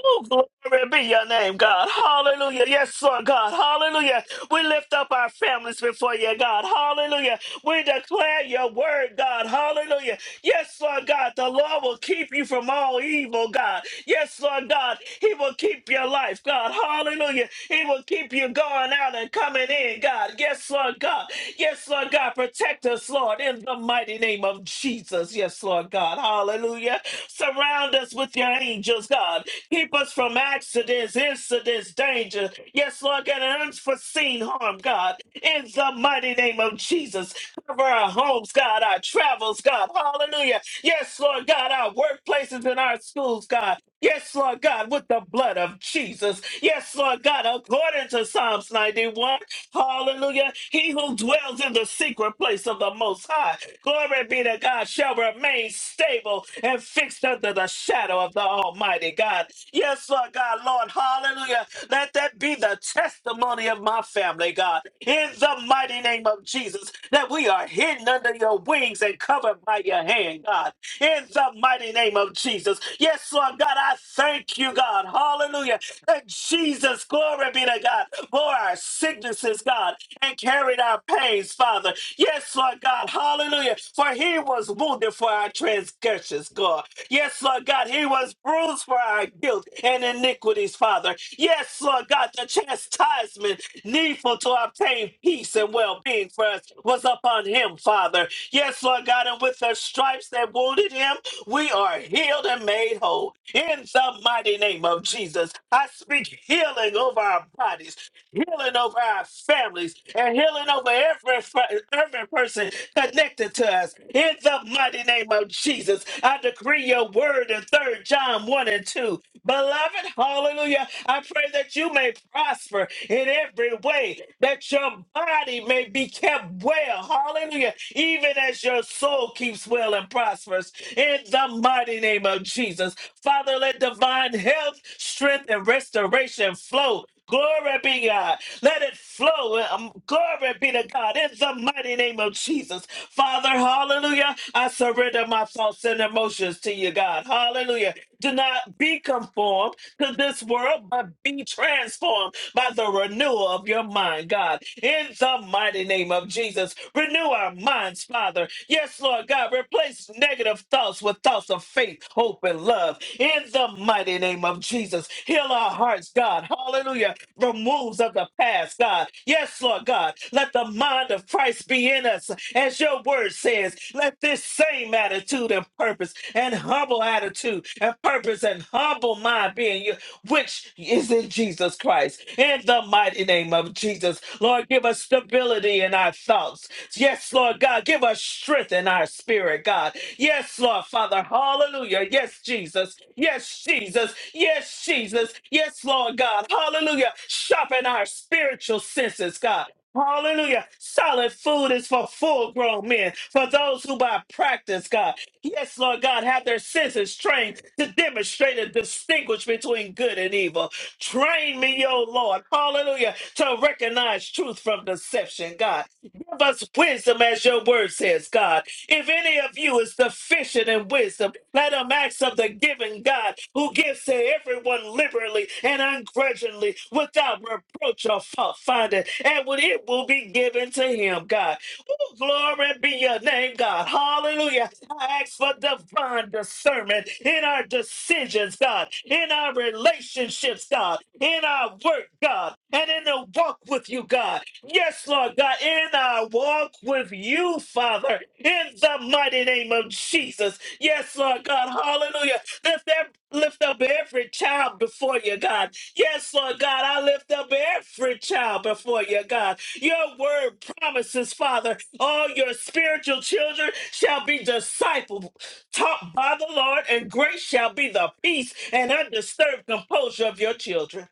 Oh, glory be your name, God. Hallelujah. Yes, Lord God. Hallelujah. We lift up our families before you, God. Hallelujah. We declare your word, God. Hallelujah. Yes, Lord God. The Lord will keep you from all evil, God. Yes, Lord God. He will keep your life, God. Hallelujah. He will keep you going out and coming in, God. Yes, Lord God. Yes, Lord God. Protect us, Lord, in the mighty name of Jesus. Yes, Lord God. Hallelujah. Surround us with your angels, God. Keep us from accidents, incidents, danger. Yes, Lord God, and unforeseen harm, God. In the mighty name of Jesus. Cover our homes, God, our travels, God. Hallelujah. Yes, Lord God, our workplaces and our schools, God. Yes, Lord God, with the blood of Jesus. Yes, Lord God, according to Psalms 91. Hallelujah. He who dwells in the secret place of the Most High, glory be to God, shall remain stable and fixed under the shadow of the Almighty God. Yes, Lord God, Lord, hallelujah. Let that be the testimony of my family, God, in the mighty name of Jesus, that we are hidden under your wings and covered by your hand, God, in the mighty name of Jesus. Yes, Lord God, I thank you, God, hallelujah, that Jesus, glory be to God, bore our sicknesses, God, and carried our pains, Father. Yes, Lord God, hallelujah, for he was wounded for our transgressions, God. Yes, Lord God, he was bruised for our guilt and iniquities, Father. Yes, Lord God, the chastisement needful to obtain peace and well being for us was upon him, Father. Yes, Lord God, and with the stripes that wounded him, we are healed and made whole. In the mighty name of Jesus, I speak healing over our bodies healing over our families, and healing over every, fr- every person connected to us. In the mighty name of Jesus, I decree your word in Third John 1 and 2. Beloved, hallelujah, I pray that you may prosper in every way, that your body may be kept well, hallelujah, even as your soul keeps well and prospers. In the mighty name of Jesus, Father, let divine health, strength, and restoration flow Glory be God. Let it flow. Um, Glory be to God. In the mighty name of Jesus. Father, hallelujah. I surrender my thoughts and emotions to you, God. Hallelujah. Do not be conformed to this world, but be transformed by the renewal of your mind, God. In the mighty name of Jesus, renew our minds, Father. Yes, Lord God, replace negative thoughts with thoughts of faith, hope, and love. In the mighty name of Jesus, heal our hearts, God. Hallelujah. Removes of the past, God. Yes, Lord God, let the mind of Christ be in us, as your word says. Let this same attitude and purpose and humble attitude and purpose and humble mind be in you which is in Jesus Christ. In the mighty name of Jesus, Lord, give us stability in our thoughts. Yes, Lord God, give us strength in our spirit, God. Yes, Lord Father, hallelujah. Yes, Jesus. Yes, Jesus. Yes, Jesus. Yes, Lord God, hallelujah. Sharpen our spiritual senses, God. Hallelujah. Solid food is for full grown men, for those who by practice, God. Yes, Lord God, have their senses trained to demonstrate and distinguish between good and evil. Train me, O Lord, hallelujah, to recognize truth from deception, God. Give us wisdom as your word says, God. If any of you is deficient in wisdom, let him ask of the giving God who gives to everyone liberally and ungrudgingly without reproach or fault finding, and what it will be given to him, God. Oh, glory be your name, God. Hallelujah. I ask for divine discernment in our decisions, God, in our relationships, God, in our work, God, and in the walk with you, God. Yes, Lord God, in our walk with you, Father, in the mighty name of Jesus. Yes, Lord God, hallelujah. Lift, up, lift up every child before you, God. Yes, Lord God, I lift up every child before you, God. Your word promises, Father, all your spiritual children shall be discipled, taught by the Lord, and great shall be the peace and undisturbed composure of your children.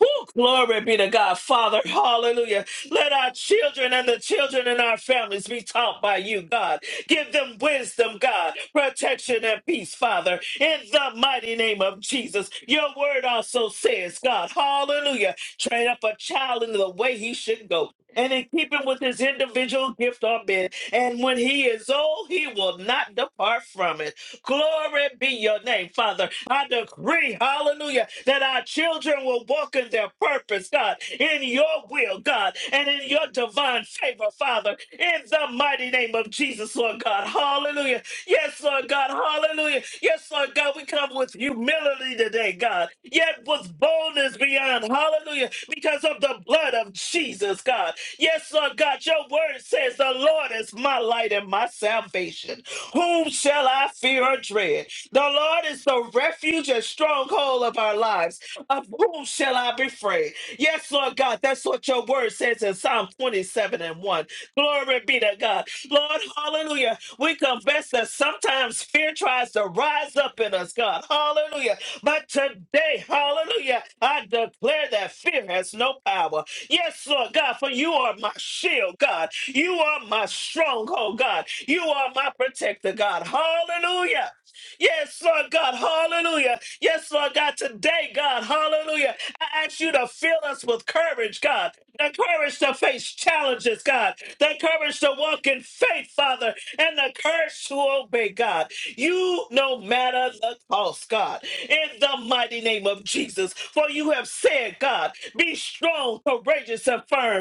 Woo, glory be to God, Father. Hallelujah. Let our children and the children in our families be taught by you, God. Give them wisdom, God, protection and peace, Father, in the mighty name of Jesus. Your word also says, God, hallelujah, train up a child in the way he should go. And in keeping with his individual gift or bid. And when he is old, he will not depart from it. Glory be your name, Father. I decree, hallelujah, that our children will walk in their purpose, God, in your will, God, and in your divine favor, Father, in the mighty name of Jesus, Lord God. Hallelujah. Yes, Lord God. Hallelujah. Yes, Lord God. We come with humility today, God, yet with boldness beyond. Hallelujah. Because of the blood of Jesus, God. Yes, Lord God. Your word says, The Lord is my light and my salvation. Whom shall I fear or dread? The Lord is the refuge and stronghold of our lives. Of whom shall I be afraid? Yes, Lord God, that's what your word says in Psalm 27 and 1. Glory be to God. Lord, hallelujah. We confess that sometimes fear tries to rise up in us, God. Hallelujah. But today, hallelujah, I declare that fear has no power. Yes, Lord God, for you are my shield, God. You are my stronghold, God. You are my protector, God. Hallelujah. Yes, Lord God. Hallelujah. Yes, Lord God. Today, God. Hallelujah. I ask you to fill us with courage, God. The courage to face challenges, God. The courage to walk in faith, Father. And the courage to obey, God. You no matter the cost, God. In the mighty name of Jesus. For you have said, God, be strong, courageous, and firm.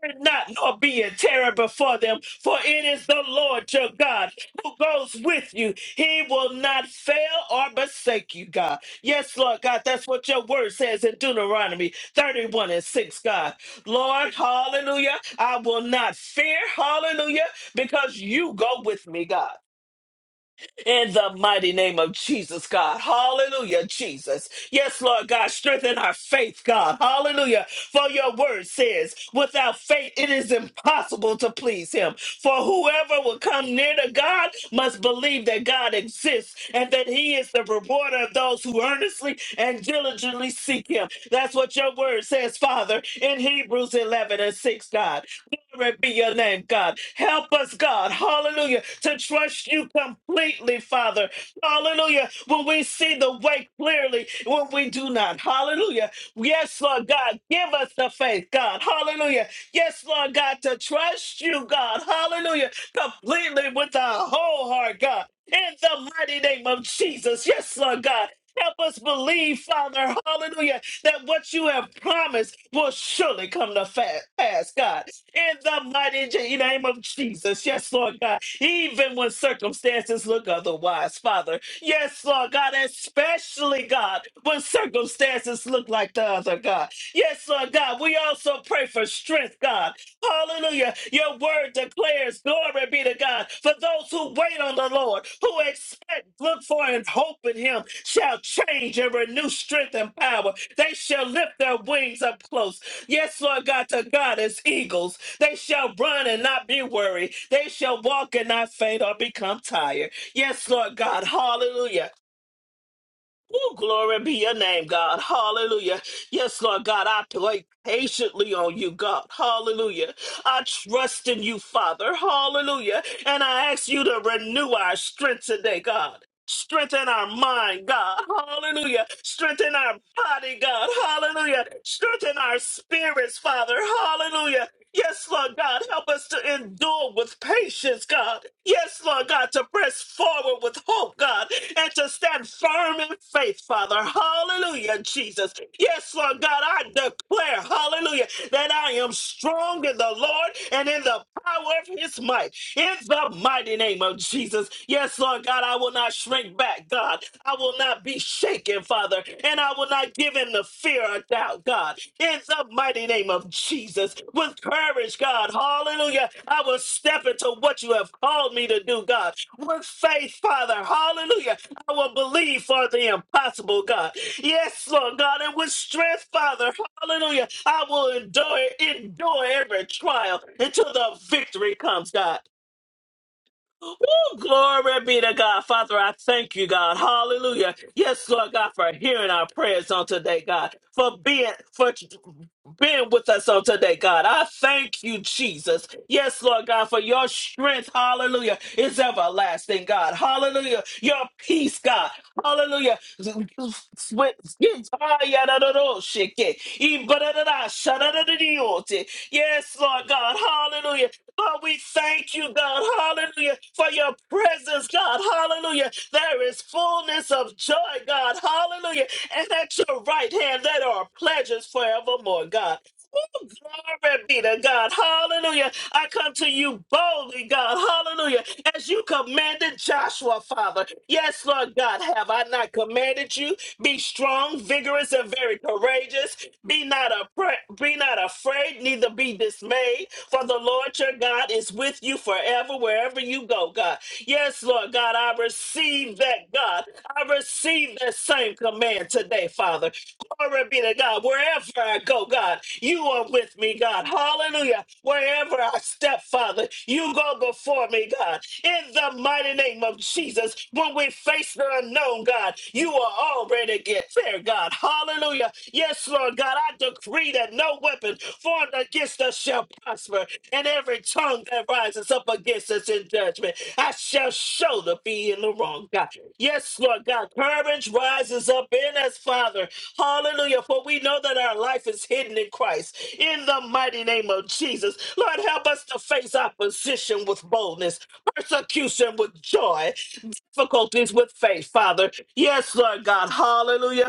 Fear not, nor be in terror before them, for it is the Lord your God who goes with you. He will not fail or forsake you, God. Yes, Lord God, that's what your word says in Deuteronomy 31 and 6, God. Lord, hallelujah, I will not fear, hallelujah, because you go with me, God. In the mighty name of Jesus, God. Hallelujah, Jesus. Yes, Lord God, strengthen our faith, God. Hallelujah. For your word says, without faith, it is impossible to please him. For whoever will come near to God must believe that God exists and that he is the rewarder of those who earnestly and diligently seek him. That's what your word says, Father, in Hebrews 11 and 6, God. Glory be your name, God. Help us, God. Hallelujah. To trust you completely, Father. Hallelujah. When we see the way clearly, when we do not. Hallelujah. Yes, Lord God. Give us the faith, God. Hallelujah. Yes, Lord God, to trust you, God. Hallelujah. Completely with our whole heart, God. In the mighty name of Jesus. Yes, Lord God. Help us believe, Father, hallelujah, that what you have promised will surely come to fa- pass, God in the mighty Je- name of Jesus. Yes, Lord God. Even when circumstances look otherwise, Father. Yes, Lord God, especially God, when circumstances look like the other God. Yes, Lord God, we also pray for strength, God. Hallelujah. Your word declares, glory be to God, for those who wait on the Lord, who expect, look for, and hope in Him, shall change and renew strength and power. They shall lift their wings up close. Yes, Lord God, to God as eagles. They shall run and not be weary. They shall walk and not faint or become tired. Yes, Lord God. Hallelujah. Ooh, glory be your name, God. Hallelujah. Yes, Lord God, I wait patiently on you, God. Hallelujah. I trust in you, Father. Hallelujah. And I ask you to renew our strength today, God. Strengthen our mind, God. Hallelujah. Strengthen our body, God. Hallelujah. Strengthen our spirits, Father. Hallelujah. Yes, Lord God, help us to endure with patience, God. Yes, Lord God, to press forward with hope, God, and to stand firm in faith, Father. Hallelujah, Jesus. Yes, Lord God, I declare, hallelujah, that I am strong in the Lord and in the power of his its might in the mighty name of Jesus. Yes, Lord God, I will not shrink back, God. I will not be shaken, Father, and I will not give in the fear or doubt, God. In the mighty name of Jesus, with courage, God, hallelujah, I will step into what you have called me to do, God. With faith, Father, hallelujah, I will believe for the impossible, God. Yes, Lord God, and with strength, Father, Hallelujah. I will endure, endure every trial until the victory comes, God. Woo, glory be to God. Father, I thank you, God. Hallelujah. Yes, Lord God, for hearing our prayers on today, God. For being for being with us on today, God. I thank you, Jesus. Yes, Lord God, for your strength, hallelujah, is everlasting, God. Hallelujah. Your peace, God. Hallelujah. Yes, Lord God. Hallelujah. Lord, we thank you, God, hallelujah, for your presence, God, hallelujah. There is fullness of joy, God, hallelujah. And at your right hand, there are pleasures forevermore, God. Ooh, Glory be to God, hallelujah. I come to you boldly, God, hallelujah, as you commanded Joshua, Father. Yes, Lord God, have I not commanded you? Be strong, vigorous, and very courageous. Be not appra- be not afraid, neither be dismayed, for the Lord your God is with you forever, wherever you go, God. Yes, Lord God, I receive that, God. I receive that same command today, Father. Glory be to God. Wherever I go, God, you are with me, God. Hallelujah. Wherever I step, Father, you go before me, God in the mighty name of Jesus. When we face the unknown, God, you are already get there, God. Hallelujah. Yes, Lord God, I decree that no weapon formed against us shall prosper, and every tongue that rises up against us in judgment, I shall show to be in the wrong, God. Yes, Lord God, courage rises up in us, Father. Hallelujah. For we know that our life is hidden in Christ. In the mighty name of Jesus, Lord, help us to face opposition with boldness persecution with joy, difficulties with faith, Father. Yes, Lord God. Hallelujah.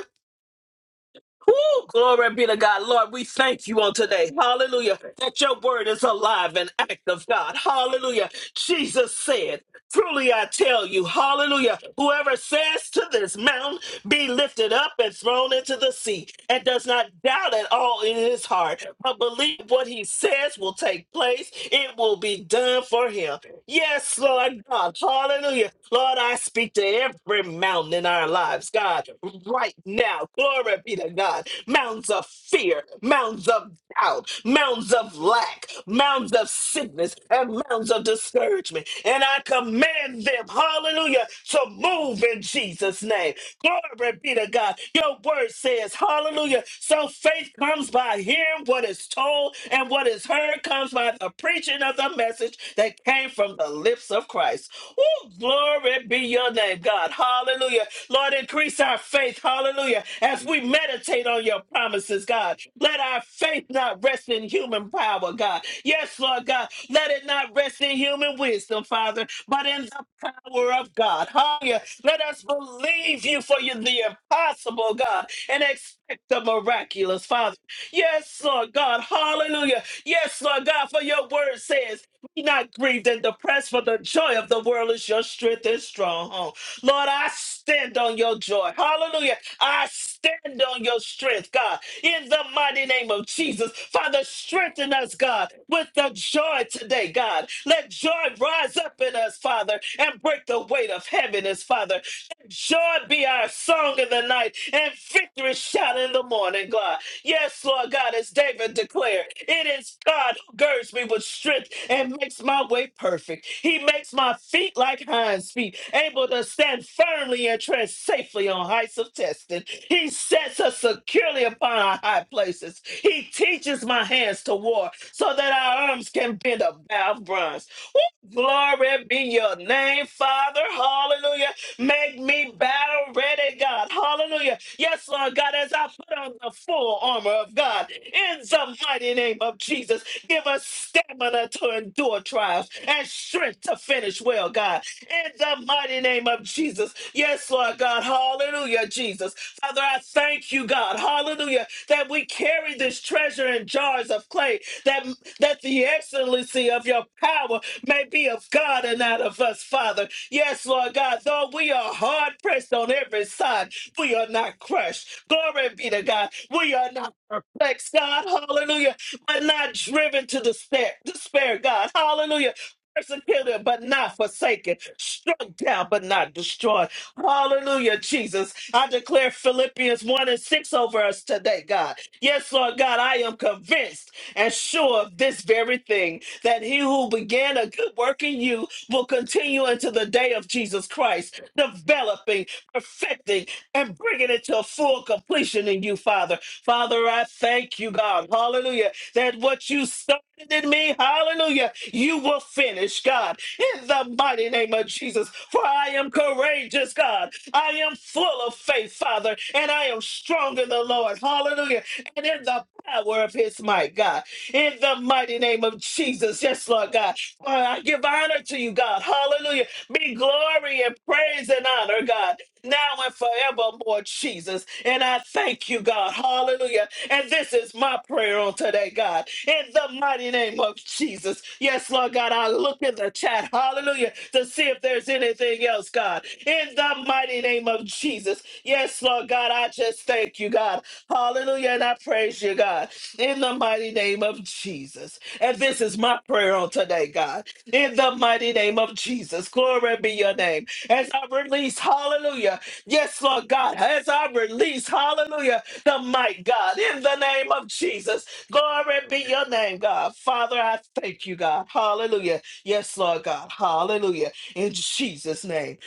Woo, glory be to God. Lord, we thank you on today. Hallelujah. That your word is alive and active, God. Hallelujah. Jesus said, Truly I tell you, hallelujah. Whoever says to this mountain, be lifted up and thrown into the sea, and does not doubt at all in his heart, but believe what he says will take place, it will be done for him. Yes, Lord God. Hallelujah. Lord, I speak to every mountain in our lives, God, right now. Glory be to God. Mountains of fear, mountains of doubt, mountains of lack, mountains of sickness, and mountains of discouragement. And I command them, hallelujah, to move in Jesus' name. Glory be to God. Your word says, hallelujah. So faith comes by hearing what is told and what is heard word comes by the preaching of the message that came from the lips of Christ. Oh, glory be your name, God. Hallelujah. Lord, increase our faith. Hallelujah. As we meditate on your promises, God, let our faith not rest in human power, God. Yes, Lord God, let it not rest in human wisdom, Father, but in the power of God. Hallelujah. Let us believe you for you, the impossible, God, and expect the miraculous, Father. Yes, Lord God. Hallelujah. Yes, Lord God, for your word says, be not grieved and depressed, for the joy of the world is your strength and stronghold. Lord, I stand on your joy. Hallelujah. I stand on your strength, God, in the mighty name of Jesus. Father, strengthen us, God, with the joy today, God. Let joy rise up in us, Father, and break the weight of heaviness, Father. Let joy be our song in the night and victory shout in the morning, God. Yes, Lord God, as David declared, it is God who girds me with strength and makes my way perfect. He makes my feet like hinds feet, able to stand firmly and tread safely on heights of testing. He sets us securely upon our high places. He teaches my hands to war so that our arms can bend a bow of bronze. Woo! Glory be your name, Father. Hallelujah. Make me battle ready, God. Hallelujah Yes, Lord God, as I put on the full armor of God in the mighty name of Jesus, give us stamina to endure trials and strength to finish well, God, in the mighty name of Jesus. Yes, Lord God, hallelujah, Jesus. Father, I thank you, God, hallelujah, that we carry this treasure in jars of clay, that, that the excellency of your power may be of God and not of us, Father. Yes, Lord God, though we are hard pressed on every side. We are not crushed. Glory be to God. We are not perplexed, God. Hallelujah. But not driven to despair, despair God. Hallelujah. Persecuted, but not forsaken. Struck down, but not destroyed. Hallelujah, Jesus. I declare Philippians 1 and 6 over us today, God. Yes, Lord God, I am convinced and sure of this very thing that he who began a good work in you will continue until the day of Jesus Christ, developing, perfecting, and bringing it to a full completion in you, Father. Father, I thank you, God. Hallelujah. That what you started in me, hallelujah, you will finish, God, in the mighty name of Jesus. For I am courageous, God. I am full of faith, Father, and I am strong in the Lord. Hallelujah. And in the power of his might, God. In the mighty name of Jesus. Yes, Lord God. Father, I give honor to you, God. Hallelujah. Be glory and praise and honor, God now and forevermore, Jesus. And I thank you, God. Hallelujah. And this is my prayer on today, God. In the mighty name of Jesus. Yes, Lord God, I look in the chat, hallelujah, to see if there's anything else, God. In the mighty name of Jesus. Yes, Lord God, I just thank you, God. Hallelujah. And I praise you, God. In the mighty name of Jesus. And this is my prayer on today, God. In the mighty name of Jesus. Glory be your name as I release, hallelujah. Yes, Lord God, as I release, hallelujah, the might, God, in the name of Jesus. Glory be your name, God. Father, I thank you, God. Hallelujah. Yes, Lord God. Hallelujah. In Jesus' name.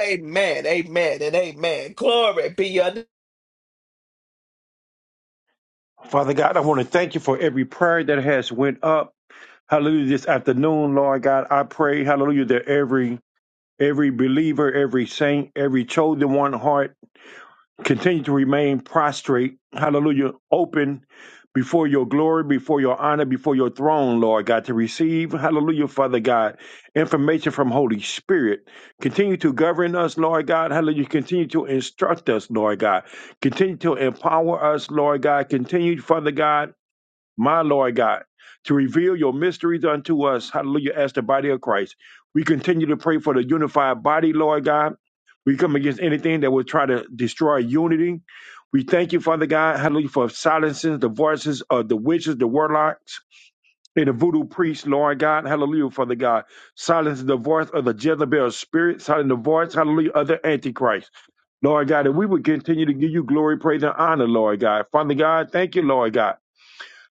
Amen. Amen and amen. Glory be your name.
Father God, I want to thank you for every prayer that has went up. Hallelujah this afternoon, Lord God. I pray, hallelujah, that every every believer, every saint, every chosen one heart Continue to remain prostrate, hallelujah, open before your glory, before your honor, before your throne, Lord God, to receive, hallelujah, Father God, information from Holy Spirit. Continue to govern us, Lord God, hallelujah. Continue to instruct us, Lord God. Continue to empower us, Lord God. Continue, Father God my Lord God, to reveal your mysteries unto us. Hallelujah. As the body of Christ. We continue to pray for the unified body, Lord God. We come against anything that will try to destroy unity. We thank you, Father God, hallelujah, for silencing the voices of the witches, the warlocks, and the voodoo priests, Lord God, hallelujah, Father God. Silence the voice of the Jezebel spirit, silence the voice, hallelujah, of the Antichrist, Lord God. And we will continue to give you glory, praise, and honor, Lord God. Father God, thank you, Lord God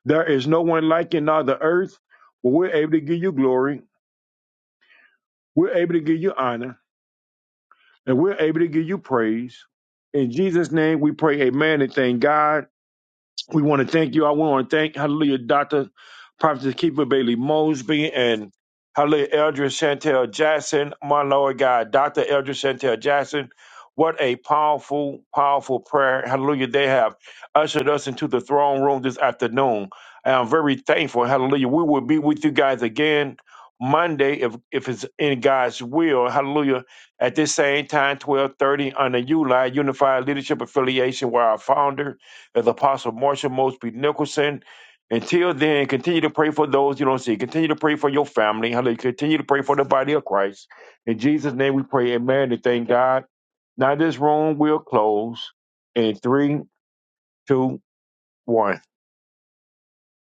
there is no one like you in all the earth, but we're able to give you glory. We're able to give you honor, and we're able to give you praise. In Jesus' name, we pray, Amen, and thank God. We want to thank you. I want to thank, hallelujah, Dr. Prophet Keeper Bailey Mosby and hallelujah, Eldra Chantel Jackson, my Lord God, Dr. Eldra Chantel Jackson. What a powerful, powerful prayer. Hallelujah. They have ushered us into the throne room this afternoon. And I'm very thankful. Hallelujah. We will be with you guys again Monday if, if it's in God's will. Hallelujah. At this same time, 1230 under ULI, Unified Leadership Affiliation, where our founder, as Apostle Marshall Mosby Nicholson. Until then, continue to pray for those you don't see. Continue to pray for your family. Hallelujah. Continue to pray for the body of Christ. In Jesus' name we pray. Amen. And thank God. Now this room will close in three, two, one.